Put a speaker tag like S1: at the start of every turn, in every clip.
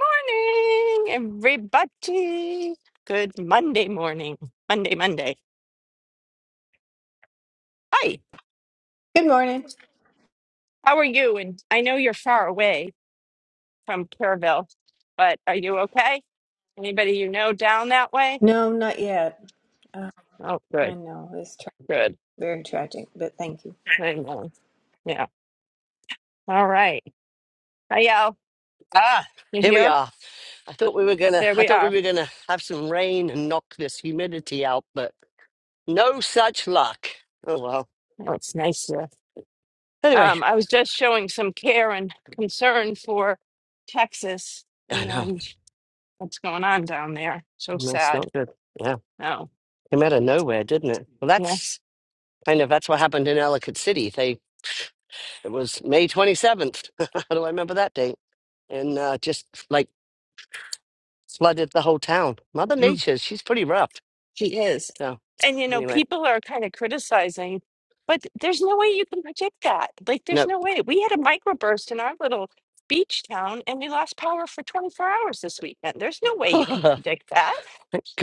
S1: Morning, everybody. Good Monday morning. Monday, Monday. Hi,
S2: Good morning.
S1: how are you? And I know you're far away from Kerrville, but are you okay? Anybody you know down that way?
S2: No, not yet. Uh,
S1: Oh,
S2: I
S1: good,
S2: know it's tra-
S1: good.
S2: very tragic, but thank you.
S1: I know. Yeah. All right. Hi, y'all.
S3: Ah,
S1: You
S3: here we
S1: here?
S3: are. I thought we were gonna
S1: There
S3: I
S1: we
S3: thought we
S1: are.
S3: were gonna have some rain and knock this humidity out, but no such luck. Oh well.
S1: Oh, it's nice here.
S3: Anyway,
S1: Um, I was just showing some care and concern for Texas
S3: I know.
S1: and what's going on down there. So
S3: That's
S1: sad.
S3: not good. Yeah.
S1: Oh.
S3: Came out of nowhere, didn't it? Well
S1: Yes,
S3: that's kind of that's what happened in Ellicott City. They it was May twenty seventh. How do I remember that date? And uh, just like flooded the whole town. Mother
S1: mm,
S3: Nature, she's pretty rough.
S1: she is.
S3: So
S1: And you know,
S3: anyway,
S1: people are kind of criticizing, but there's no way you can predict that. Like, there's
S3: no.
S1: no way. We had a microburst in our little beach town and we lost power for 24 hours this weekend. There's no way you can predict that,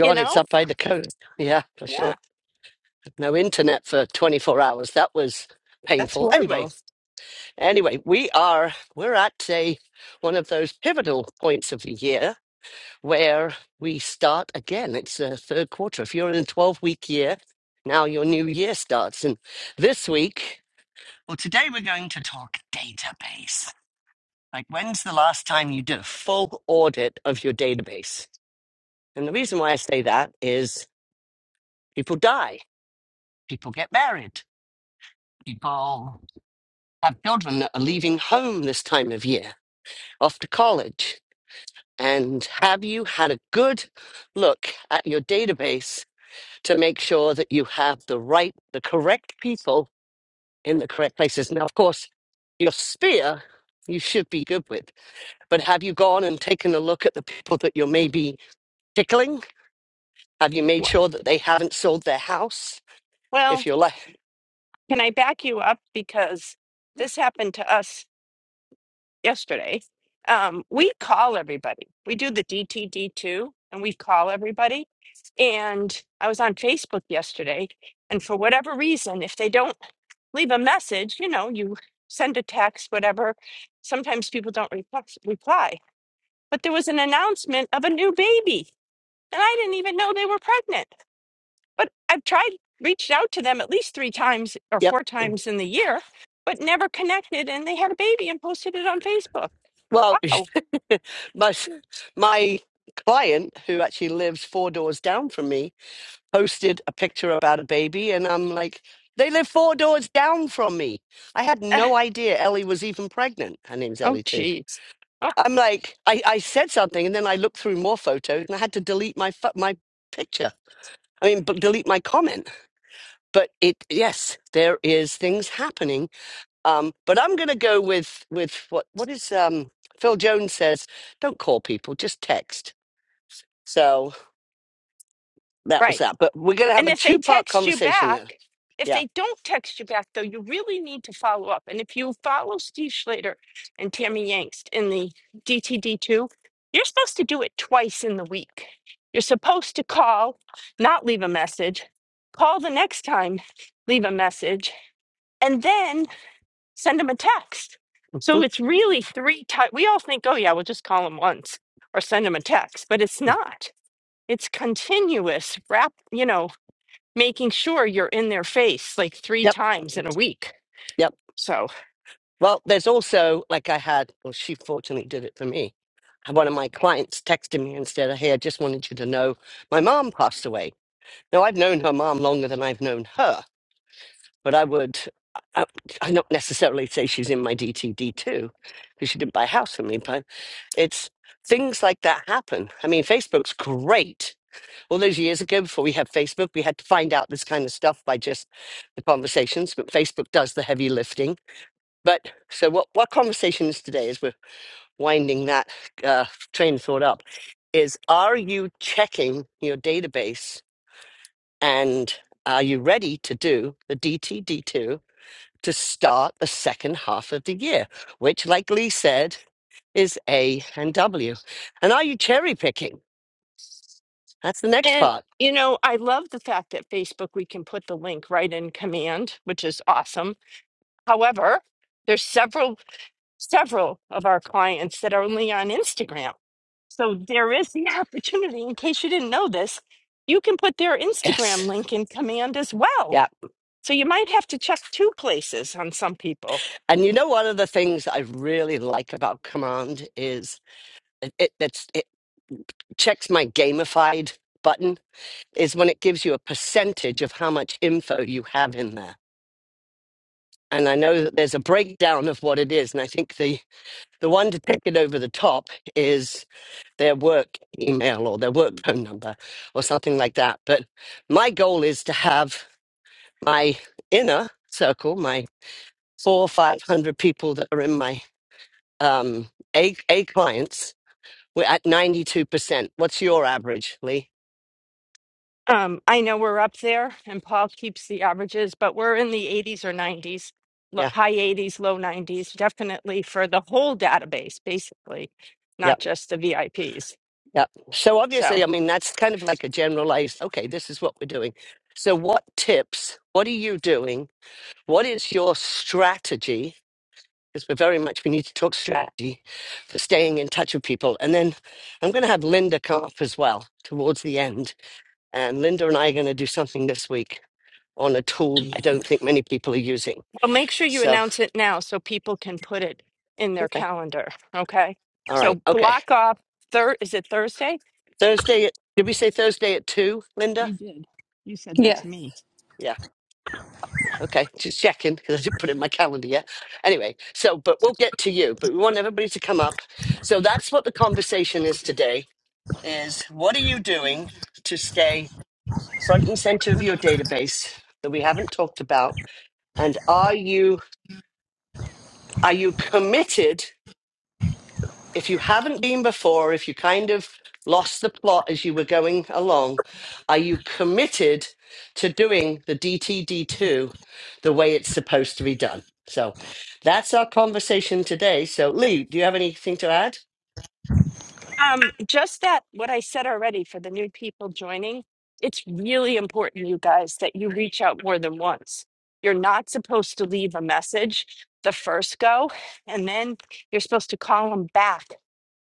S1: you
S3: it's
S1: know?
S3: up by the coast. Yeah, for sure.
S1: Yeah,
S3: no internet for 24 hours. That was
S1: that's
S3: painful. Anyway,
S1: horrible.
S3: anyway, we are we're at a one of those pivotal points of the year where we start again. It's the third quarter. If you're in a 12 week year, now your new year starts. And this week, well, today we're going to talk database. Like, when's the last time you did a full audit of your database? And the reason why I say that is people die, people get married, people. have children that are leaving home this time of year, off to college. And have you had a good look at your database to make sure that you have the right, the correct people in the correct places? Now, of course, your sphere you should be good with, but have you gone and taken a look at the people that you're maybe tickling? Have you made
S1: Wh-
S3: sure that they haven't sold their house? If
S1: Well,
S3: you're like,
S1: can I back you up? Because this happened to us yesterday. Um, we call everybody. We do the DTD2 and we call everybody. And I was on Facebook yesterday. And for whatever reason, if they don't leave a message, you know, you send a text, whatever. Sometimes people don't reply. reply. But there was an announcement of a new baby. And I didn't even know they were pregnant. But I've tried, reached out to them at least three times or
S3: yeah.
S1: four times in the year, but never connected. And they had a baby and posted it on Facebook.
S3: Well,
S1: Wow.
S3: my my client, who actually lives four doors down from me, posted a picture about a baby, and I'm like, they live four doors down from me. I had no idea Ellie was even pregnant. Her name's
S1: Oh,
S3: Ellie too.
S1: geez. Oh,
S3: I'm like, I, I said something, and then I looked through more photos, and I had to delete my pho- my picture. I mean, but delete my comment. But it, yes, there is things happening um, but I'm going to go with with what what is um, Phil Jones says: don't call people, just text. So that was
S1: right.
S3: that. But we're going to have
S1: And
S3: a
S1: if they
S3: two part
S1: text you
S3: conversation then.
S1: back, if
S3: Yeah,
S1: they don't text you back, though, you really need to follow up. And if you follow Steve Schlater and Tammy Yangst in the DTD2, you're supposed to do it twice in the week. You're supposed to call, not leave a message, call the next time, leave a message, and then send them a text. So
S3: Mhm.
S1: it's really three times. We all think, oh, yeah, we'll just call them once or send them a text, but it's not. it's continuous rap you know making sure you're in their face like three
S3: Yep,
S1: times in a week
S3: yep.
S1: so
S3: Well, there's also like I had, well, she fortunately did it for me. One of my clients texted me and said, "Hey, I just wanted you to know my mom passed away." Now, I've known her mom longer than I've known her, but I would, I, I don't necessarily say she's in my DTD2 because she didn't buy a house from me, but it's things like that happen. I mean, Facebook's great. All those years ago, before we had Facebook, we had to find out this kind of stuff by just the conversations, but Facebook does the heavy lifting. But so what, what conversation is today, as we're winding that uh, train of thought up, is are you checking your database and are you ready to do the DTD2 to start the second half of the year, which, like Lee said, is A and W? And are you cherry picking? That's the next
S1: and
S3: part.
S1: you know i love the fact that facebook we can put the link right in command which is awesome however there's several several of our clients that are only on instagram so there is the opportunity in case you didn't know this you can put their instagram
S3: Yes.
S1: link in command as well
S3: Yeah.
S1: so you might have to check two places on some people
S3: And you know, one of the things I really like about Command is it, it, it's, it checks my gamified button, is when it gives you a percentage of how much info you have in there. And I know that there's a breakdown of what it is. And I think the The one to take it over the top is their work email or their work phone number or something like that. But my goal is to have my inner circle, my four or 500 people that are in my um, A, A clients, we're at 92%. What's your average, Lee?
S1: Um, I know we're up there, and Paul keeps the averages, but we're in the 80s or 90s, lo-
S3: Yeah,
S1: high 80s, low 90s, definitely for the whole database, basically, not
S3: yep,
S1: just the VIPs.
S3: yep. So
S1: So
S3: obviously, I mean, that's kind of like a generalized, okay, this is what we're doing. So, what tips, what are you doing? What is your strategy? because we're very much we need to talk strategy for staying in touch with people. And then I'm going to have Linda come up as well towards the end. And Linda and I are going to do something this week on a tool I don't think many people are using.
S1: I'll make sure you
S3: So
S1: announce it now so people can put it in their
S3: okay,
S1: calendar. Okay.
S3: all right,
S1: So
S3: okay.
S1: block off third. Is it Thursday?
S3: Thursday at did we say Thursday at two, Linda?
S1: You did. You said that
S4: Yeah.
S1: to me.
S3: Yeah. Okay, just checking because I didn't put it in my calendar yet. Anyway, so but we'll get to you. But we want everybody to come up. So that's what the conversation is today: is what are you doing to stay front and center of your database that we haven't talked about and are you are you committed if you haven't been before if you kind of lost the plot as you were going along are you committed to doing the DTD2 the way it's supposed to be done so that's our conversation today so lee do you have anything to add
S1: Um, just that what I said already for the new people joining, it's really important, you guys, that you reach out more than once. You're not supposed to leave a message the first go, and then you're supposed to call them back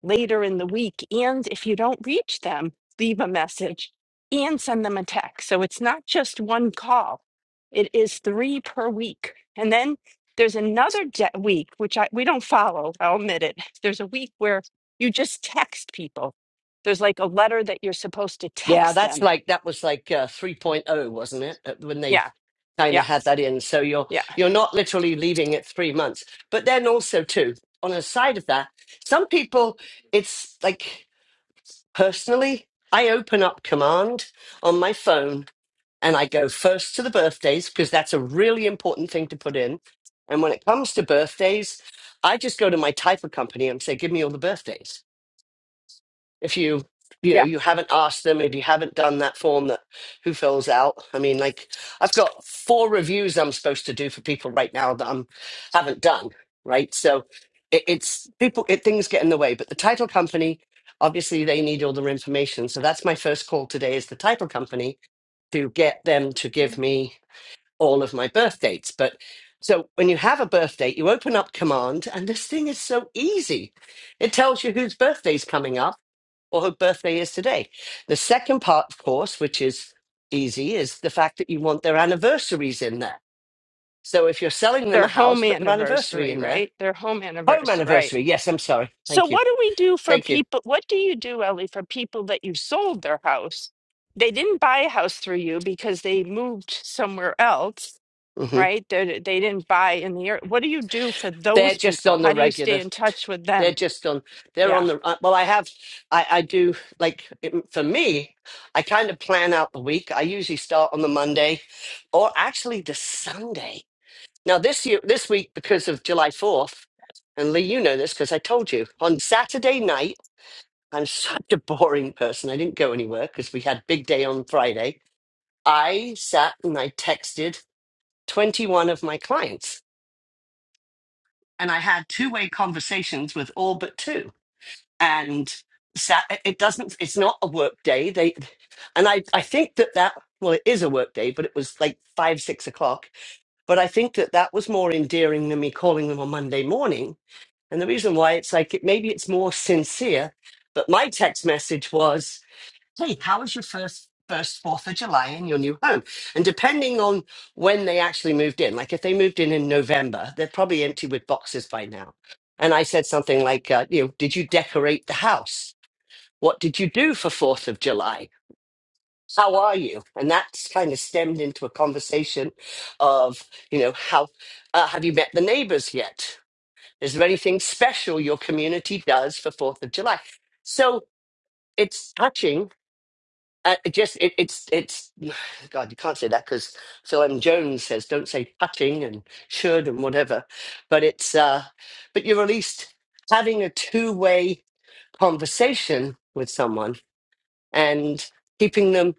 S1: later in the week. And if you don't reach them, leave a message and send them a text. So it's not just one call, it is three per week. And then there's another de- week, which I, we don't follow, I'll admit it. There's a week where you just text people. There's like a letter that you're supposed to
S3: yeah
S1: text
S3: that's
S1: them.
S3: like that was like uh, 3.0 wasn't it Uh, when they
S1: Yeah,
S3: kind
S1: yeah,
S3: of had that in. So you're
S1: yeah,
S3: you're not literally leaving it three months. But then also too, on the side of that, some people it's like personally, I open up command on my phone and I go first to the birthdays because that's a really important thing to put in. And when it comes to birthdays, I just go to my typer company and say, give me all the birthdays if you you know
S1: yeah.
S3: you haven't asked them if you haven't done that form that who fills out i mean like i've got four reviews i'm supposed to do for people right now that i'm haven't done right so it, it's people it things get in the way but the title company obviously they need all their information so that's my first call today is the title company to get them to give me all of my birth dates but so when you have a birth date you open up command and this thing is so easy it tells you whose birthday's coming up or her birthday is today. The second part, of course, which is easy, is the fact that you want their anniversaries in there. So if you're selling them a
S1: Their
S3: house,
S1: home
S3: put their anniversary
S1: anniversary,
S3: in there.
S1: right? Their home
S3: Home
S1: anniversary, right?
S3: anniversary. Yes, I'm sorry.
S1: So
S3: Thank you.
S1: what do we do for
S3: Thank you.
S1: people? What do you do, Ellie, for people that you sold their house? They didn't buy a house through you because they moved somewhere else,
S3: hmm
S1: right? They they didn't buy in the area. What do you do for
S3: They're
S1: those
S3: just
S1: people?
S3: on
S1: How
S3: the
S1: do you stay
S3: regular.
S1: in touch with
S3: They're
S1: them?
S3: just on. They're
S1: Yeah,
S3: on the. uh, Well, I have. I I do like it- for me. I kind of plan out the week. I usually start on the Monday, or actually the Sunday Now this year, this week, because of July Fourth, and Lee, you know this because I told you on Saturday night. I'm such a boring person. I didn't go anywhere because we had big day on Friday. I sat and I texted 21 of my clients, and I had two-way conversations with all but two. And sat, it doesn't. It's not a work day. They, and I, I think that that well, it is a work day, but it was like five, six o'clock. But I think that that was more endearing than me calling them on Monday morning And the reason why it's like it maybe it's more sincere, but my text message was, "Hey, how was your first first Fourth of July in your new home?" And depending on when they actually moved in, like if they moved in in November, they're probably empty with boxes by now. And I said something like, uh, "You know, did you decorate the house? What did you do for Fourth of July?" How are you? And that's kind of stemmed into a conversation of, you know, how uh, have you met the neighbors yet? Is there anything special your community does for Fourth of July? So it's touching. Uh, it just it, it's it's God, you can't say that because Phil M. Jones says don't say touching and should and whatever. But it's uh, but you're at least having a two-way conversation with someone and keeping them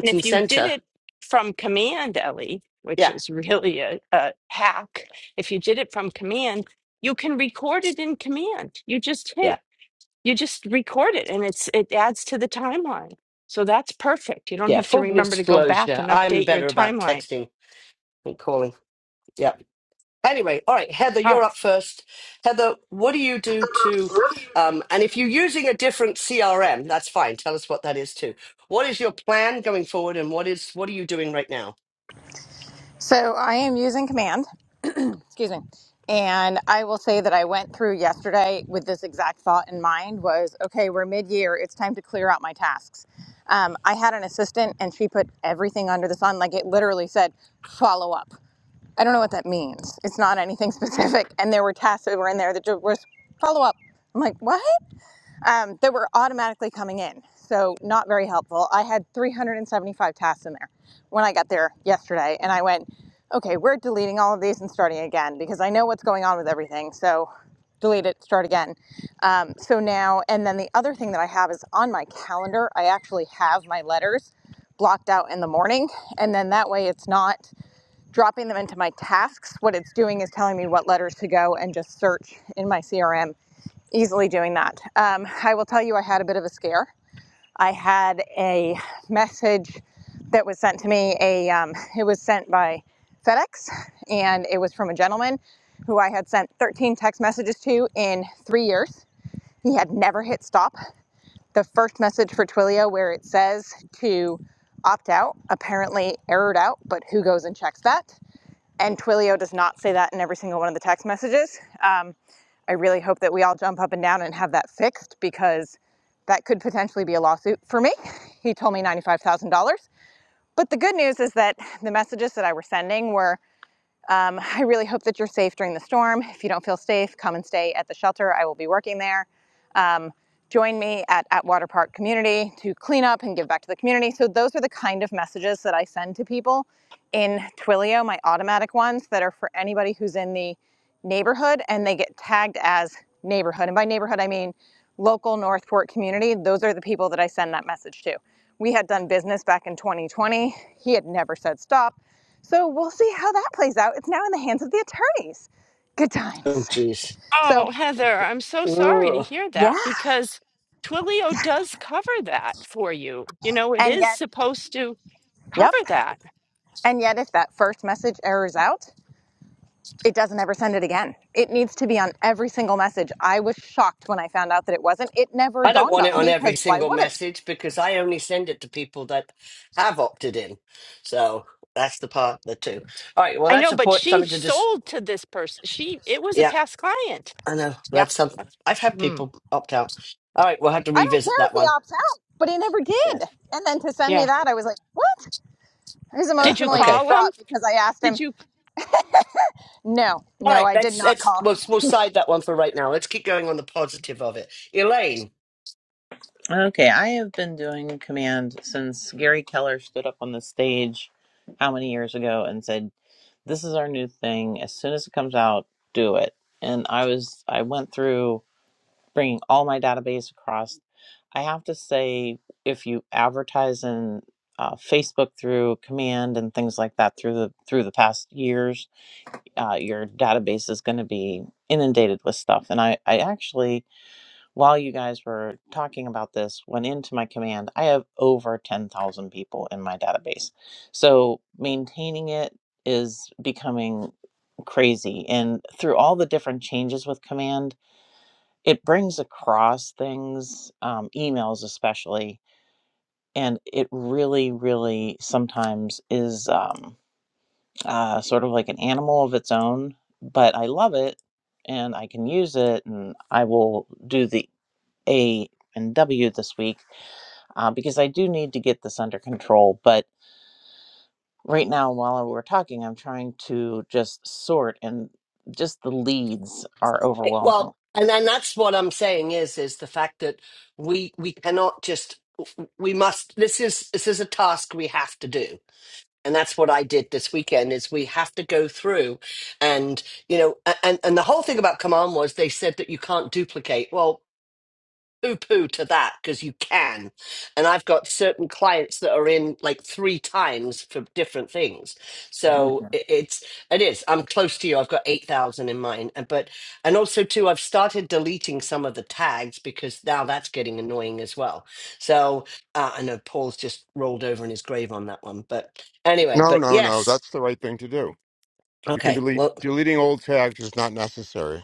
S1: and if
S3: and
S1: you did
S3: center.
S1: it from command, Ellie, which
S3: Yeah,
S1: is really a, a hack, if you did it from command, you can record it in command. You just hit
S3: yeah,
S1: you just record it and it's it adds to the timeline. So that's perfect. You don't
S3: yeah.
S1: have to
S3: Full
S1: remember to go back
S3: disclosure,
S1: and
S3: I'm
S1: update your
S3: better about
S1: timeline.
S3: texting than calling. Yeah. Anyway, all right, Heather,
S1: All
S3: you're
S1: right.
S3: up first. Heather, what do you do to, um, and if you're using a different CRM, that's fine. Tell us what that is too. What is your plan going forward, and what is what are you doing right now?
S5: So I am using command, excuse me. And I will say that I went through yesterday with this exact thought in mind was, okay, we're mid-year. It's time to clear out my tasks. Um, I had an assistant and she put everything under the sun. Like it literally said, follow up. I don't know what that means. It's not anything specific. And there were tasks that were in there that just was follow up. I'm like, what? um, that were automatically coming in. So not very helpful. I had 375 tasks in there when I got there yesterday, and I went, okay, we're deleting all of these and starting again because I know what's going on with everything. So delete it, start again. Um, so now, and then the other thing that I have is on my calendar, I actually have my letters blocked out in the morning, and then that way it's not dropping them into my tasks. What it's doing is telling me what letters to go and just search in my CRM easily doing that. Um, I will tell you, I had a bit of a scare. I had a message that was sent to me. A um, it was sent by FedEx, and it was from a gentleman who I had sent 13 text messages to in three years. He had never hit stop. The first message for Twilio, where it says to opt out, apparently errored out, but who goes and checks that? And Twilio does not say that in every single one of the text messages. Um, I really hope that we all jump up and down and have that fixed because that could potentially be a lawsuit for me. He told me $95,000. But the good news is that the messages that I were sending were um, I really hope that you're safe during the storm. If you don't feel safe, come and stay at the shelter. I will be working there um, join me at, at Water Park Community to clean up and give back to the community. So those are the kind of messages that I send to people in Twilio, my automatic ones that are for anybody who's in the neighborhood and they get tagged as neighborhood. And by neighborhood, I mean local Northport community. Those are the people that I send that message to. We had done business back in 2020. He had never said stop. So we'll see how that plays out. It's now in the hands of the attorneys. Good
S3: Oh,
S5: times.
S3: geez,
S5: So,
S1: Oh, Heather, I'm so sorry to
S3: Ugh.
S1: hear
S5: yeah.
S1: that because Twilio does cover that for you. You know, it
S5: And
S1: is
S5: yet,
S1: supposed to
S5: yep.
S1: cover that.
S5: And yet, if that first message errors out, it doesn't ever send it again. It needs to be on every single message. I was shocked when I found out that it wasn't. It never
S3: I don't
S5: dawned
S3: want it
S5: on
S3: on
S5: me
S3: every
S5: because why
S3: single
S5: would it?
S3: message because I only send it to people that have opted in. So that's the part the two. All right, well,
S1: I know,
S3: that's a
S1: but
S3: point.
S1: she
S3: Something to just,
S1: sold to this person. She it was a
S3: yeah,
S1: past client.
S3: I know
S5: Yeah.
S3: that's something.
S1: That's,
S3: I've had
S1: mm,
S3: people opt out. All right, we'll have to
S5: I don't
S3: revisit
S5: care if
S3: that
S5: he
S3: one.
S5: opts out, but he never
S3: Yeah,
S5: did. And then to send me
S1: yeah.
S5: that, I was like, what? I was
S3: yeah,
S1: Did you
S5: emotionally
S3: okay.
S1: call them?
S5: distraught because I asked him,
S1: Did you?
S5: no,
S3: All
S5: no,
S3: right,
S5: I did
S3: let's
S5: not
S3: let's
S5: call.
S3: we'll, we'll side that one for right now. Let's keep going on the positive of it, Elaine.
S6: Okay, I have been doing command since Gary Keller stood up on the stage how many years ago and said, "This is our new thing. As soon as it comes out, do it." And I was I went through bringing all my database across. I have to say if you advertise in uh, Facebook through command and things like that through the through the past years, uh, your database is going to be inundated with stuff. And I I actually while you guys were talking about this, went into my command. I have over 10,000 people in my database. So maintaining it is becoming crazy. And through all the different changes with command, it brings across things, um, emails especially. And it really, really sometimes is um, uh, sort of like an animal of its own. But I love it and I can use it. And I will do the A and W this week uh, because I do need to get this under control. But right now, while we're talking, I'm trying to just sort, and just the leads are
S3: it-
S6: overwhelming.
S3: well, and then that's what I'm saying is is the fact that we we cannot just we must this is this is a task we have to do, and that's what I did this weekend is we have to go through, and you know, a- and and the whole thing about command was they said that you can't duplicate. Well. poo poo to that because you can. And I've got certain clients that are in like three times for different things. So it, it's, it is. I'm close to you. I've got 8,000 in mine. And, but, and also too, I've started deleting some of the tags because now that's getting annoying as well. So uh, I know Paul's just rolled over in his grave on that one. But anyway,
S7: No,
S3: but
S7: no, no.
S3: yes.
S7: That's the right thing to do. You can
S3: Okay.
S7: delete
S3: Well,
S7: deleting old tags is not necessary.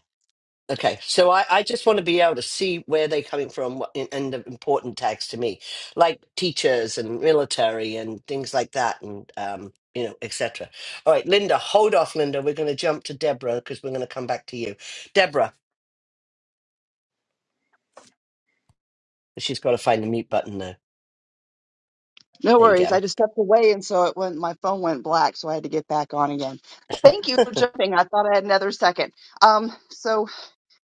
S3: Okay, so I, I just want to be able to see where they're coming from what- and, and the important tags to me, like teachers and military and things like that, and um, you know, etc. All right, Linda, hold off, Linda. We're going to jump to Deborah because we're going to come back to you, Deborah. She's got to find the mute button now.
S8: No
S3: There you
S8: worries. I
S3: go.
S8: just stepped away, and so it went. My phone went black, so I had to get back on again. Thank you for jumping. I thought I had another second. Um, so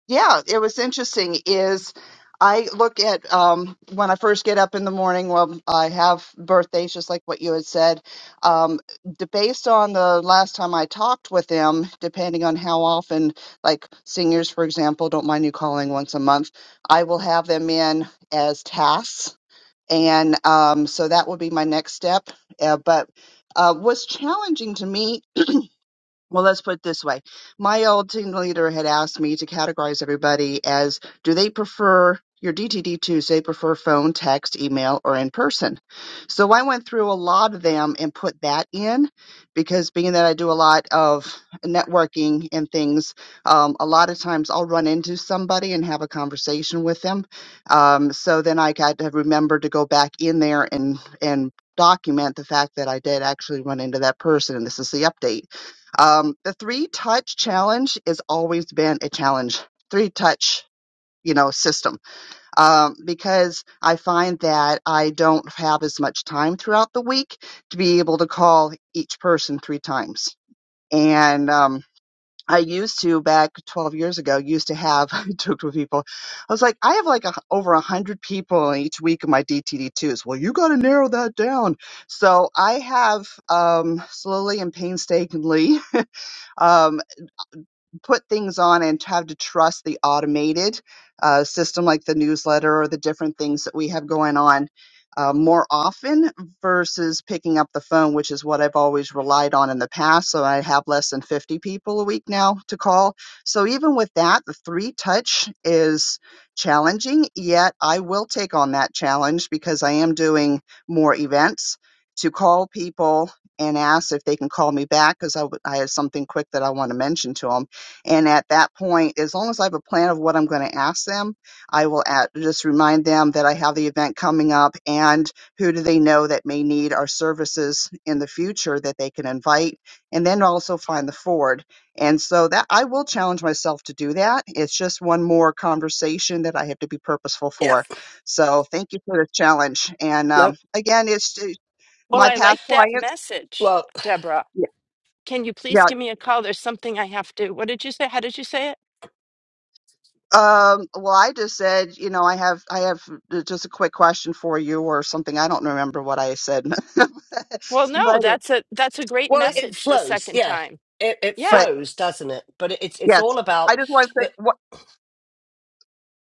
S8: yeah, it was interesting. Is I look at um, when I first get up in the morning. Well, I have birthdays, just like what you had said. Um, d- based on the last time I talked with them, depending on how often, like seniors, for example, don't mind you calling once a month. I will have them in as tasks and um, so that would be my next step. Uh, but uh, what's challenging to me well, let's put it this way. My old team leader had asked me to categorize everybody as do they prefer your DTD2s, they prefer phone, text, email, or in person. So I went through a lot of them and put that in because being that I do a lot of networking and things, um, a lot of times I'll run into somebody and have a conversation with them. Um, so then I got to remember to go back in there and, and document the fact that I did actually run into that person and this is the update um, the three touch challenge has always been a challenge. Three touch, you know, system. Um, because I find that I don't have as much time throughout the week to be able to call each person three times. And, um, I used to back 12 years ago, used to have, I talked with people. I was like, I have like a, over a hundred people each week of my DTD2s. Well, you got to narrow that down. So I have, um, slowly and painstakingly, um, put things on and have to trust the automated uh, system like the newsletter or the different things that we have going on uh, more often versus picking up the phone, which is what I've always relied on in the past. So I have less than 50 people a week now to call. So even with that, the three touch is challenging, yet I will take on that challenge because I am doing more events to call people and ask if they can call me back because I, w- I have something quick that I want to mention to them and at that point, as long as I have a plan of what I'm going to ask them, I will at, just remind them that I have the event coming up and who do they know that may need our services in the future that they can invite, and then also find the forward. And so that I will challenge myself to do that. It's just one more conversation that I have to be purposeful
S3: Yeah.
S8: for. So thank you for the challenge. And um,
S3: No.
S8: again, it's uh,
S1: Well,
S8: my
S1: I
S8: past
S1: like that
S8: clients.
S1: message,
S3: Well,
S1: Deborah.
S8: Yeah,
S1: Can you please
S8: yeah,
S1: give me a call? There's something I have to. What did you say? How did you say it?
S8: Um, well, I just said, you know, I have, I have uh, just a quick question for you or something. I don't remember what I said,
S1: Well,
S8: but,
S1: no,
S8: it,
S1: that's a that's a great
S3: well, it
S1: message the
S3: flows.
S1: second
S3: Yeah,
S1: time.
S3: it, it
S8: but
S1: Yeah.
S3: flows, doesn't it? But it, it's it's
S8: yes,
S3: all
S8: I
S3: about.
S8: just want to say what.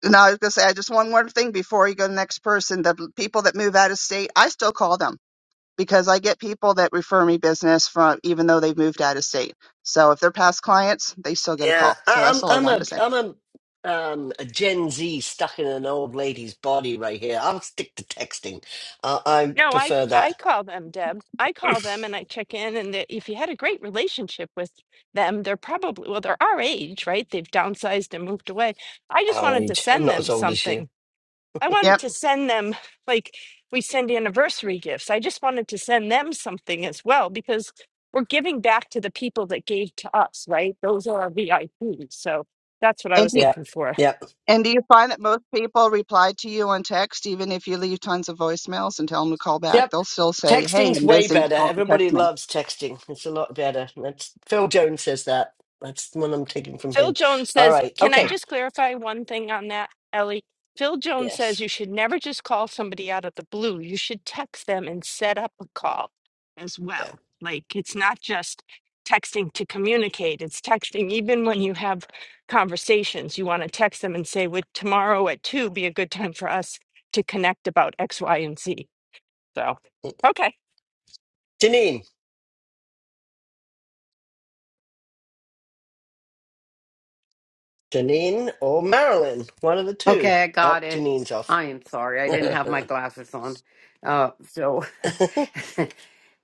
S8: No, I was gonna say I just one more thing before you go to the next person. The people that move out of state, I still call them because I get people that refer me business from even though they've moved out of state. So if they're past clients, they still get a
S3: Yeah,
S8: call. So that's
S3: I-
S8: all I
S3: I'm I'm
S8: wanted to
S3: a
S8: say.
S3: I'm a um a Gen Z stuck in an old lady's body right here. I'll stick to texting. I I
S1: No, I c-
S3: prefer
S1: I
S3: that
S1: call them, Deb. I call them and I check in and they- if you had a great relationship with them, they're probably well, they're our age, right? They've downsized and moved away. I just
S3: our
S1: wanted to
S3: age. I'm
S1: send
S3: not
S1: them
S3: as old as
S1: something
S3: you.
S1: I wanted
S8: Yep.
S1: to send them like we send anniversary gifts. I just wanted to send them something as well because we're giving back to the people that gave to us, right? Those are our VIPs. So that's what I
S8: And
S1: was
S8: do,
S3: Yeah,
S1: looking for.
S3: yeah,
S8: And do you find that most people reply to you on text, even if you leave tons of voicemails and tell them to call back?
S3: yep.
S8: They'll still say, "Hey,
S3: Texting's
S8: I'm
S3: way
S8: busy.
S3: better.
S8: Call, text
S3: Everybody
S8: me."
S3: loves texting. It's a lot better. That's Phil Jones says that. That's the one I'm taking from
S1: Phil
S3: him.
S1: Jones
S3: All
S1: says,
S3: right.
S1: can I
S3: Okay.
S1: just clarify one thing on that, Ellie? Phil Jones says you
S3: Yes.
S1: should never just call somebody out of the blue. You should text them and set up a call as
S3: Yeah.
S1: well. Like it's not just texting to communicate, it's texting even when you have conversations. You want to text them and say, would tomorrow at two be a good time for us to connect about X, Y, and Z? So, okay.
S3: Janine, Janine, or Marilyn. One of the two.
S9: Okay, I
S3: Oh,
S9: got it.
S3: Janine's off.
S9: I am sorry. I didn't have my glasses on. Uh, so,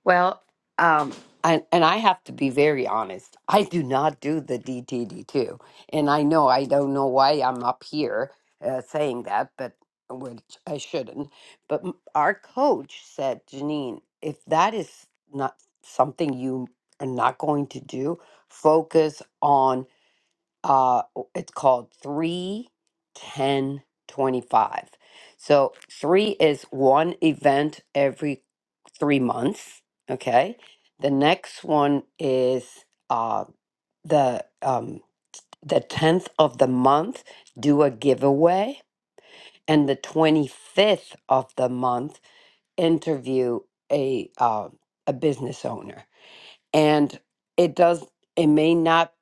S9: well, um, I, and I have to be very honest. I do not do the DTD2. And I know I don't know why I'm up here uh, saying that, but which I shouldn't. But m- our coach said, Janine, if that is not something you are not going to do, focus on uh it's called 3, 10, 25. so 3 is one event every 3 months okay the next one is uh the um the 10th of the month do a giveaway and the 25th of the month interview a uh, a business owner and it does it may not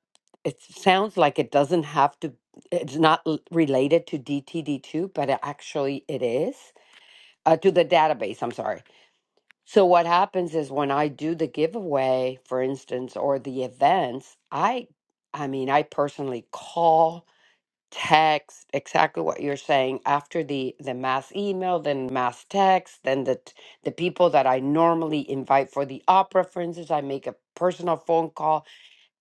S9: it sounds like it doesn't have to it's not l- related to dtd2 but it actually it is uh, to the database i'm sorry so what happens is when i do the giveaway for instance or the events i i mean i personally call text exactly what you're saying after the the mass email then mass text then the t- the people that I normally invite for the opera, for instance, I make a personal phone call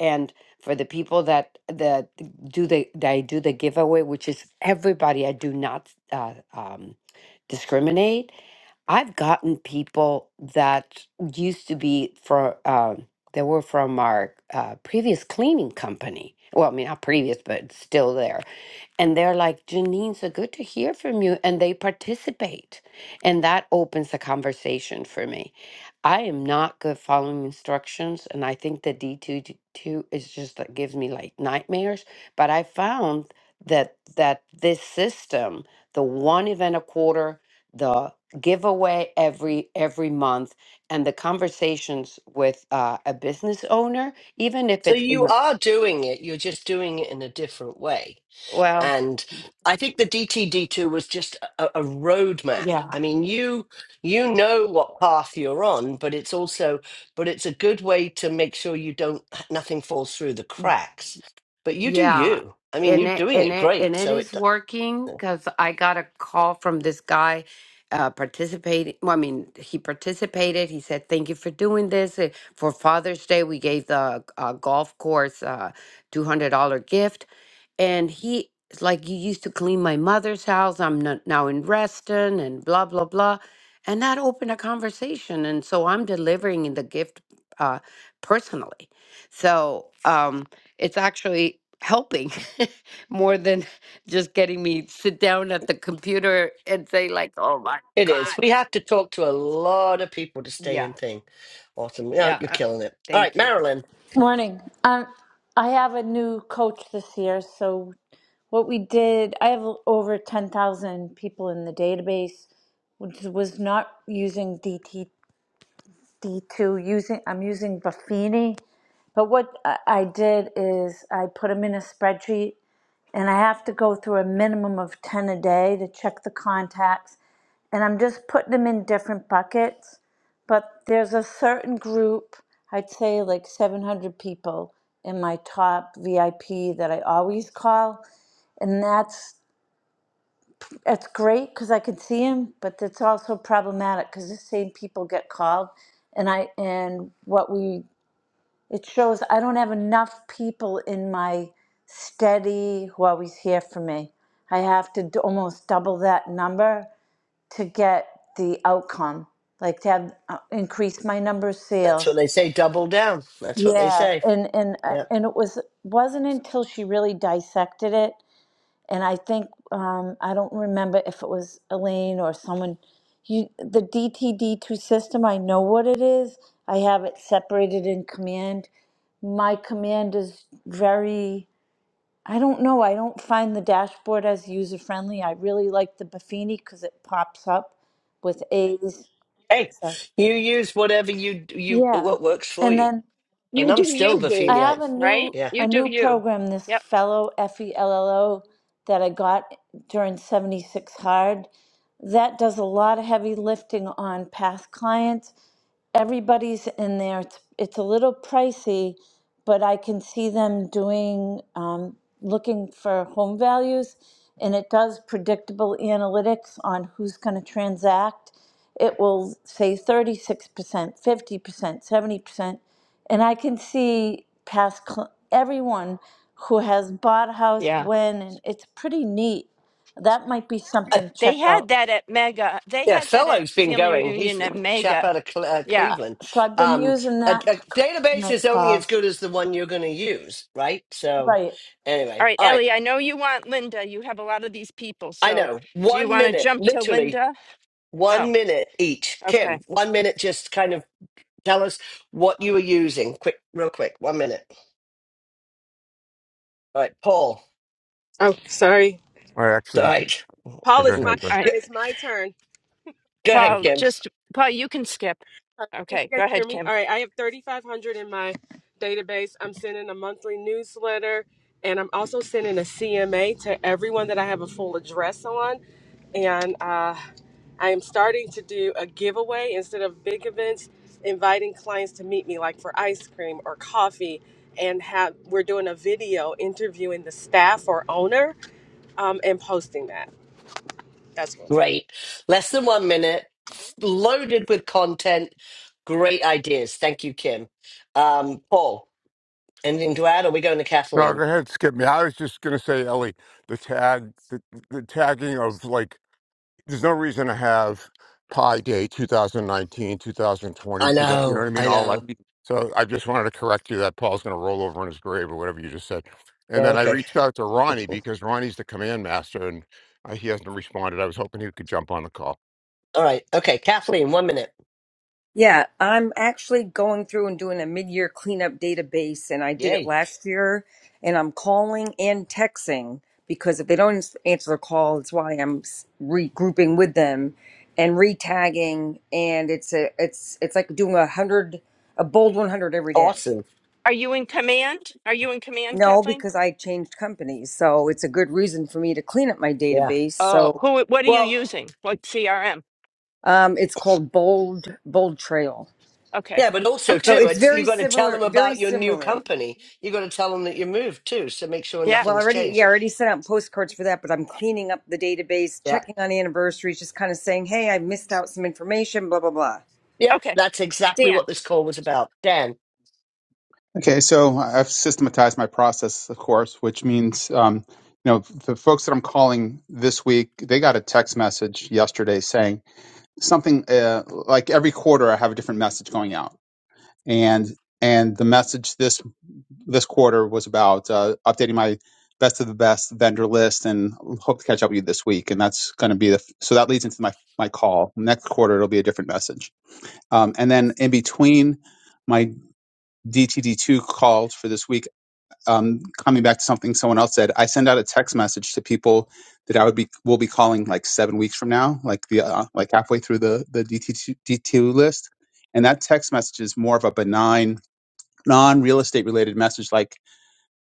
S9: and for the people that that do the that I do the giveaway, which is everybody, I do not uh, um, discriminate. I've gotten people that used to be for um, they were from our uh, previous cleaning company. Well, I mean not previous, but still there and they're like, Janine, so good to hear from you. And they participate. And that opens the conversation for me. I am not good following instructions. And I think the D2 two two is just that gives me like nightmares. But I found that that this system, the one event a quarter, the giveaway every every month, and the conversations with uh, a business owner, even if
S3: So
S9: it's in
S3: you
S9: the-
S3: are doing it, you're just doing it in a different way.
S9: well,
S3: And I think the DTD2 was just a, a roadmap.
S9: yeah
S3: I mean, you you know what path you're on, but it's also but it's a good way to make sure you don't nothing falls through the cracks. But you do
S9: Yeah,
S3: you. I mean,
S9: and
S3: you're
S9: it
S3: doing
S9: and
S3: it
S9: it and
S3: great.
S9: it
S3: So
S9: is
S3: it
S9: working because I got a call from this guy uh participating. Well, I mean, he participated. He said, "Thank you for doing this Uh, for Father's Day. We gave the uh, golf course uh two hundred dollar gift," and he is like, "You used to clean my mother's house. I'm not, now in Reston, and blah blah blah," and that opened a conversation. And so I'm delivering the gift uh personally. So. um it's actually helping more than just getting me sit down at the computer and say like oh my
S3: it is.
S9: god
S3: We have to talk to a lot of people to stay
S9: yeah
S3: in thing. Awesome. Yeah,
S9: yeah
S3: you're
S9: uh,
S3: killing it. All right,
S9: thank you
S3: Marilyn.
S10: Morning. Um, I have a new coach this year. So what we did, I have over ten thousand people in the database, which was not using DTD two. Using I'm using Buffini, but what I I did is I put them in a spreadsheet, and I have to go through a minimum of ten a day to check the contacts and I'm just putting them in different buckets. But there's a certain group, I'd say like 700 people in my top VIP that I always call, and that's that's great because I can see them, but it's also problematic because the same people get called, and I and what we it shows I don't have enough people in my steady who always hear from me. I have to d- almost double that number to get the outcome, like to have uh, increase my number of
S3: That's what
S10: sales.
S3: they say. Double down. That's what they
S10: Yeah,
S3: say.
S10: and and uh,
S3: Yeah.
S10: and it was wasn't until she really dissected it, and I think um, I don't remember if it was Elaine or someone. You the DTD2 system, I know what it is. I have it separated in command. My command is very. I don't know. I don't find the dashboard as user friendly. I really like the Buffini because it pops up with A's.
S3: Hey,
S10: So.
S3: you use whatever you you
S10: Yeah.
S3: what works for
S10: And
S3: you,
S10: then
S3: and
S1: You
S3: I'm
S1: do
S3: still
S1: you,
S3: the
S1: boo.
S10: I have
S3: Feniate.
S10: a
S1: Right?
S10: new
S3: Yeah,
S1: You
S10: a
S1: do
S10: new
S1: you.
S10: program, this
S1: Yep.
S10: fellow F E L L O that I got during 76 Hard. That does a lot of heavy lifting on past clients everybody's in there. It's, it's a little pricey, but I can see them doing, um, looking for home values, and it does predictable analytics on who's going to transact. It will say 36%, 50%, 70%. And I can see past cl- everyone who has bought a house
S1: Yeah."
S10: when, and it's pretty neat. That might be something to
S1: They
S10: check
S1: had
S10: out.
S1: that at Mega. They
S3: yeah.
S1: had that at
S3: Fellow's been
S1: family
S3: going. He's
S1: reunion
S3: the
S1: at
S3: chap
S1: Mega.
S3: out of Cle- uh,
S1: Yeah.
S3: Cleveland.
S10: So I've been
S3: Um,
S10: using
S3: a,
S10: that
S3: a
S10: to, c- to
S3: database
S10: make
S3: is only as
S10: calls.
S3: good as the one you're going to use, right? So,
S10: Right.
S1: All
S3: anyway,
S1: right,
S3: all right.
S1: Ellie, I know you want Linda. You have a lot of these people.
S3: I
S1: So
S3: know.
S1: do you
S3: One
S1: want to
S3: minute,
S1: jump to
S3: literally
S1: Linda? Oh,
S3: one minute each.
S1: okay.
S3: Kim, one minute. Just kind of tell us what you were using. Quick, real quick. One minute. All right, Paul.
S11: Oh, sorry.
S7: I
S3: All
S7: actually.
S3: right.
S7: Oh,
S11: Paul,
S7: go
S11: it's
S3: Go
S11: my
S7: ahead.
S1: All
S7: Ben.
S11: turn.
S1: right.
S11: It's my turn.
S3: ahead,
S1: Paul,
S3: Kim.
S1: just Paul, you can skip.
S11: Can you
S1: Okay,
S11: guys
S1: go
S11: hear
S1: ahead,
S11: me?
S1: Kim.
S11: All right. I have 3,500 in my database. I'm sending a monthly newsletter, and I'm also sending a CMA to everyone that I have a full address on. And uh, I am starting to do a giveaway instead of big events, inviting clients to meet me, like for ice cream or coffee. And have we're doing a video interviewing the staff or owner um, and posting that. That's what we're doing.
S3: Great. Less than one minute, loaded with content. Great ideas. Thank you, Kim. Um, Paul, anything to add? Or are we going to
S7: No,
S3: Kathleen?
S7: go ahead. Skip me. I was just gonna say, Ellie, the tag, the, the tagging of like, there's no reason to have Pi Day 2019, 2020.
S3: I
S7: You know
S3: know.
S7: what I mean?
S3: I
S7: All that.
S3: know.
S7: So I just wanted to correct you that Paul's gonna roll over in his grave or whatever you just said. And then I
S3: Okay.
S7: reached out to Ronnie because Ronnie's the command master and uh, he hasn't responded. I was hoping he could jump on the call.
S3: All right. Okay. Kathleen, one minute.
S12: Yeah, I'm actually going through and doing a mid-year cleanup database, and I did it
S3: Yay.
S12: last year. And I'm calling and texting because if they don't ans- answer the call, it's why I'm s- regrouping with them and re-tagging. And it's a it's it's like doing a hundred a bold 100 every day.
S3: Awesome.
S1: Are you in command? Are you in command,
S12: No,
S1: Kathleen?
S12: because I changed companies, so it's a good reason for me to clean up my
S3: Yeah.
S12: database.
S1: Oh,
S12: So
S1: who what are you
S3: Well,
S1: using? Like CRM.
S12: um, it's called Bold Bold Trail.
S1: Okay.
S3: yeah, but also,
S12: So
S1: Okay.
S3: too,
S12: it's
S3: it's,
S12: very
S3: you've got to tell
S12: similar,
S3: them
S12: very
S3: about your new
S12: similar.
S3: company. You've got to tell them that you moved, too. So make sure
S1: Yeah.
S12: Well, I
S3: nothing's
S12: already, yeah,
S3: changed.
S12: I already sent out postcards for that, but I'm cleaning up the database,
S3: Yeah.
S12: checking on anniversaries, just kind of saying, hey, I missed out some information, blah, blah, blah.
S3: Yep.
S1: Okay.
S3: That's exactly
S1: Dan.
S3: what this call was about. Dan.
S13: Okay, so I've systematized my process, of course, which means um, you know the folks that I'm calling this week, they got a text message yesterday saying something uh, like every quarter I have a different message going out, and and the message this this quarter was about uh, updating my best of the best vendor list, and hope to catch up with you this week, and that's going to be the so that leads into my my call next quarter. It'll be a different message, um, and then in between my DTD2 calls for this week um, coming back to something someone else said, I send out a text message to people that I would be will be calling like seven weeks from now, like the uh, like halfway through the the DT DTU list, and that text message is more of a benign, non real estate related message. Like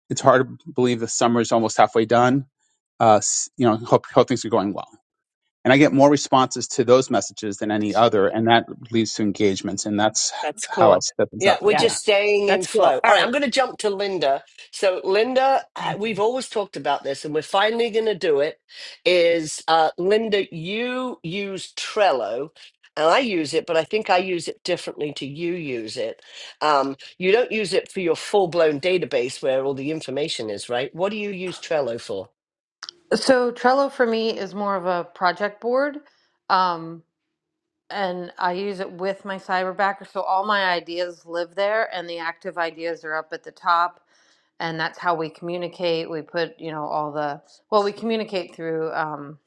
S13: it's hard to believe the summer is almost halfway done. Uh, s- you know, hope hope things are going well. And I get more responses to those messages than any other, and that leads to engagements, and that's
S1: That's
S13: how I
S1: cool.
S13: set things
S3: Yeah,
S13: up.
S3: we're
S1: Yeah.
S13: Yeah.
S3: just staying in
S1: That's cool.
S3: flow.
S1: All
S3: All right,
S1: right.
S3: I'm going to jump to Linda. So, Linda, uh,
S1: Thank you.
S3: we've always talked about this, and we're finally going to do it. Is uh, Linda, you use Trello, and I use it, but I think I use it differently to you use it. Um, you don't use it for your full blown database where all the information is, right? What do you use Trello for?
S4: So Trello for me is more of a project board. Um, and I use it with my cyberbacker. So all my ideas live there and the active ideas are up at the top. And that's how we communicate. We put, you know, all the, well, we communicate through um,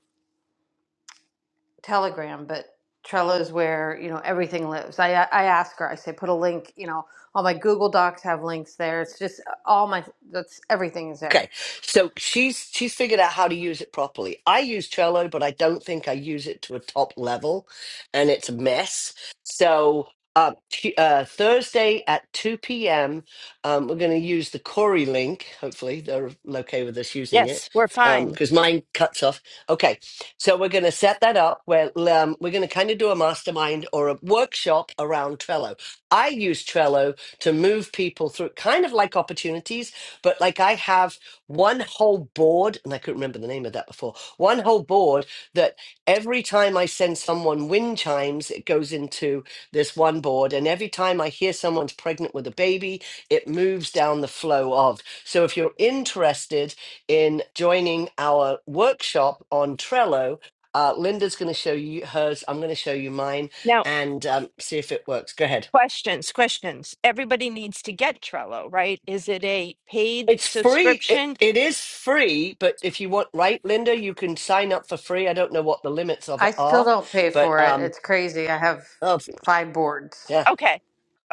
S4: Telegram, but Trello is where, you know, everything lives. I, I ask her, I say, put a link, you know, all my Google Docs have links there. It's just uh, all my, that's everything is there.
S3: Okay, so she's she's figured out how to use it properly. I use Trello, but I don't think I use it to a top level, and it's a mess. So uh, t- uh, Thursday at two p.m., um, we're going to use the Corey link. Hopefully, they're okay with us using it
S1: Yes, we're fine.
S3: because mine cuts off. Okay, so we're going to set that up where um, we're going to kind of do a mastermind or a workshop around Trello. I use Trello to move people through, kind of like opportunities but like I have one whole board, and I couldn't remember the name of that before, one whole board that every time I send someone wind chimes, it goes into this one board. And every time I hear someone's pregnant with a baby, it moves down the flow of. So if you're interested in joining our workshop on Trello, uh, Linda's going to show you hers. I'm going to show you mine
S1: Now
S3: and um, see if it works. Go ahead.
S1: Questions, questions. Everybody needs to get Trello, right? Is it a paid
S3: It's free. It,
S1: subscription?
S3: it is free, but if you want, right, Linda, you can sign up for free. I don't know what the limits of
S4: I
S3: it
S4: still
S3: are,
S4: don't pay
S3: but
S4: for it.
S3: um,
S4: It's crazy. I have
S3: oh,
S4: five boards.
S3: yeah,
S1: Okay.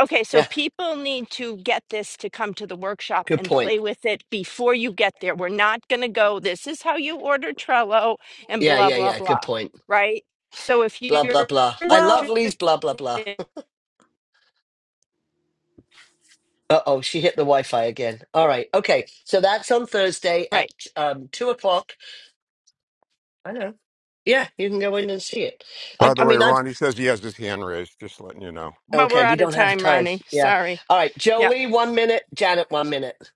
S1: Okay, so
S3: yeah,
S1: people need to get this to come to the workshop
S3: good
S1: and
S3: point.
S1: play with it before you get there. We're not going to go, this is how you order Trello and
S3: Yeah,
S1: blah,
S3: yeah,
S1: blah,
S3: yeah, good
S1: blah,
S3: point.
S1: right? So if
S3: Blah blah
S1: you're
S3: blah. I
S4: Well,
S3: love
S1: interested,
S3: Lee's blah blah blah. Uh oh, she hit the Wi-Fi again. All right, okay. So that's on Thursday at
S1: right,
S3: um two o'clock. I know. Yeah, you can go in and see it. I,
S7: By the
S3: I
S7: way,
S3: mean, I've
S7: Ron, he says he has his hand raised, just letting you know.
S1: but we're
S3: okay. We
S1: out of
S3: don't have
S1: time,
S3: time.
S1: Ronnie.
S3: Yeah.
S1: Sorry.
S3: All right,
S1: Yeah.
S3: Jolie, one minute. Janet, one minute.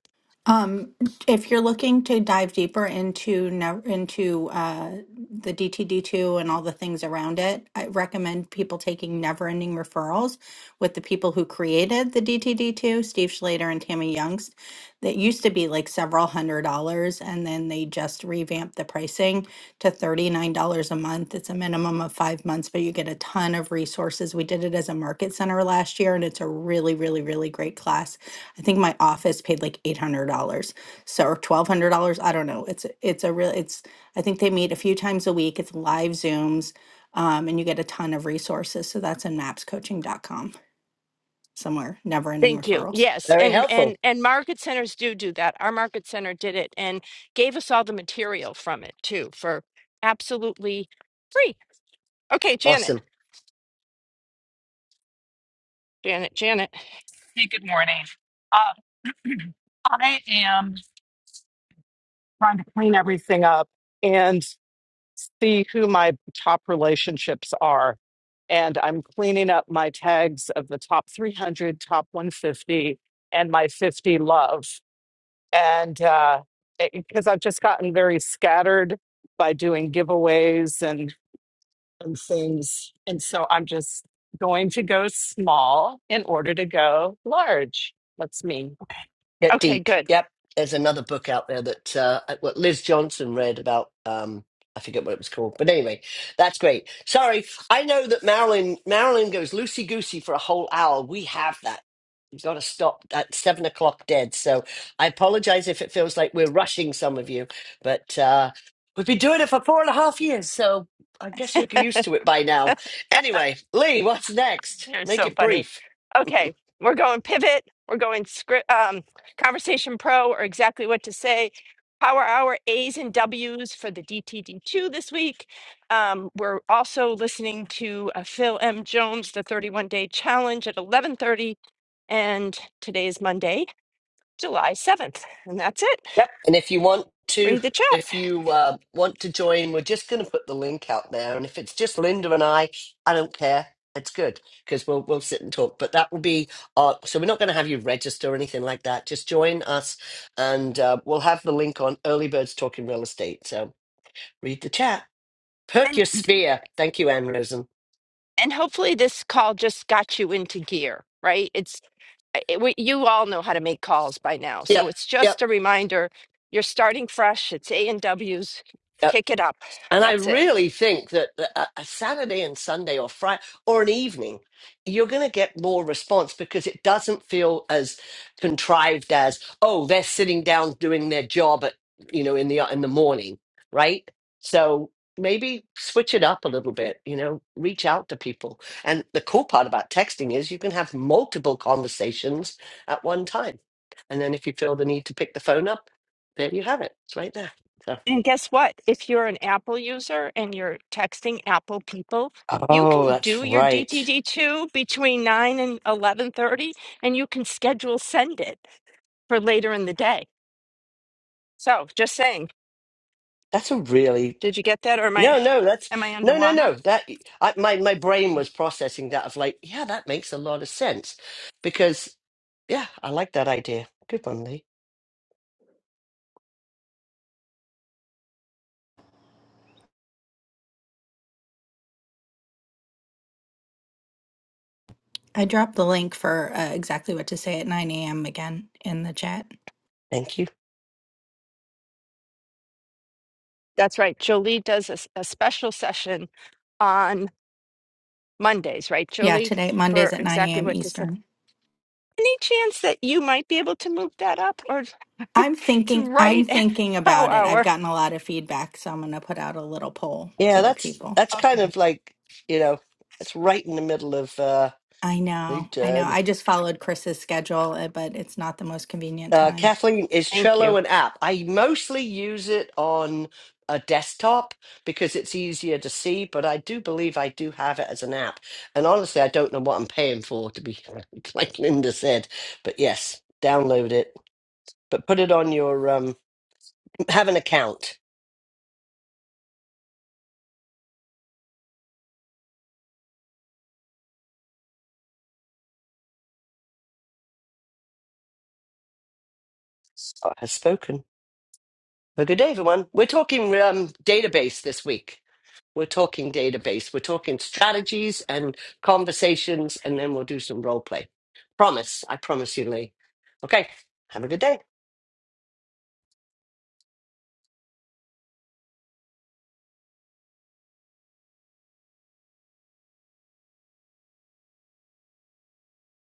S14: Um, if you're looking to dive deeper into nev- into uh, the DTD2 and all the things around it, I recommend people taking Never Ending Referrals with the people who created the DTD2, Steve Schlater and Tammy Youngst. That used to be like several hundred dollars, and then they just revamped the pricing to $39 a month. It's a minimum of five months, but you get a ton of resources. We did it as a market center last year, and it's a really, really, really great class I think my office paid like eight hundred dollars, so or twelve hundred dollars. I don't know. It's it's a real. It's I think they meet a few times a week. It's live Zooms, um, and you get a ton of resources. So that's in maps coaching dot com somewhere. Never ending
S1: Thank you.
S14: referrals.
S1: Yes,
S3: Very
S1: and and
S3: helpful.
S1: and market centers do do that. Our market center did it and gave us all the material from it too for absolutely free. Okay, Janet,
S3: Awesome.
S1: Janet, Janet.
S15: Hey, good morning. Uh, I am trying to clean everything up and see who my top relationships are. And I'm cleaning up my tags of the top 300, top 150, and my 50 love. And because I've just gotten very scattered by doing giveaways and, and things. And so I'm just going to go small in order to go large. That's me.
S3: Get
S1: Okay,
S3: Deep.
S1: good.
S3: Yep. There's another book out there that uh, what Liz Johnson read about. Um, I forget what it was called, but anyway, that's great. Sorry, I know that Marilyn Marilyn goes loosey goosey for a whole hour. We have that. You've got to stop at seven o'clock dead. So I apologize if it feels like we're rushing some of you, but uh, we've been doing it for four and a half years, so I guess you're used to it by now. Anyway, Lee, what's next?
S1: You're
S3: Make
S1: so
S3: it
S1: funny.
S3: brief.
S1: Okay, we're going pivot. We're going script, um, conversation pro, or exactly what to say. Power hour A's and W's for the DTD2 this week. Um, we're also listening to uh, Phil M. Jones, the 31 day challenge at 11:30, and today is Monday, July 7th, and that's it.
S3: Yep. And if you want to,
S1: Read the chat.
S3: if you uh, want to join, we're just going to put the link out there. And if it's just Linda and I, I don't care. It's good because we'll we'll sit and talk. But that will be our. So we're not going to have you register or anything like that. Just join us, and uh, we'll have the link on Early Birds Talking Real Estate. So read the chat, perk
S1: And
S3: your sphere. Thank you, Anne Rosen.
S1: and hopefully this call just got you into gear, right? It's it, we, you all know how to make calls by now,
S3: Yep,
S1: so it's
S3: yep,
S1: just a reminder. You're starting fresh. It's A and W's.
S3: yep.
S1: Kick it up.
S3: And I
S1: That's it.
S3: really think that a a Saturday and Sunday or Friday or an evening, you're going to get more response because it doesn't feel as contrived as oh they're sitting down doing their job at you know in the in the morning, right? So maybe switch it up a little bit. You know, reach out to people. And the cool part about texting is you can have multiple conversations at one time. And then if you feel the need to pick the phone up, there you have it. It's right there. So.
S1: And guess what? If you're an Apple user and you're texting Apple people, you
S3: Oh,
S1: can
S3: that's
S1: do your
S3: right.
S1: DTD2 between 9 and 11:30 and you can schedule send it for later in the day. So, just saying,
S3: That's a really
S1: did you get that or am I
S3: no, no. That's
S1: am I
S3: no, no,
S1: underwater?
S3: no. That I, my my brain was processing that of like, yeah, that makes a lot of sense because yeah, I like that idea. Good one, Lee.
S14: I dropped the link for uh, exactly what to say at nine a.m. again in the chat.
S3: Thank you.
S1: That's right. Jolie does a, s- a special session on Mondays, right,
S14: Yeah,
S1: Jolie,
S14: today
S1: for
S14: Mondays at nine
S1: exactly
S14: a.m.
S1: what to say.
S14: Eastern.
S1: Any chance that you might be able to move that up, or it's
S14: I'm thinking.
S1: right
S14: I'm
S1: at
S14: thinking
S1: our
S14: about it. I've
S1: hour?
S14: gotten a lot of feedback, so I'm going to put out a little poll
S3: Yeah,
S14: to the
S3: that's
S14: people.
S3: that's kind
S1: Okay.
S3: of like you know, it's right in the middle of uh,
S14: I
S3: Lee
S14: know, I know. I just followed Chris's schedule, uh, but it's not the most convenient
S3: Uh,
S14: time.
S3: Kathleen, is
S1: Thank you.
S3: Trello an app? I mostly use it on a desktop because it's easier to see, but I do believe I do have it as an app. And honestly, I don't know what I'm paying for, to be like Linda said. But yes, download it, but put it on your um, have an account. has spoken. Well, good day, everyone. We're talking um, database this week. We're talking database. We're talking strategies and conversations, and then we'll do some role play. Promise. I promise you, Lee. Okay. Have a good day.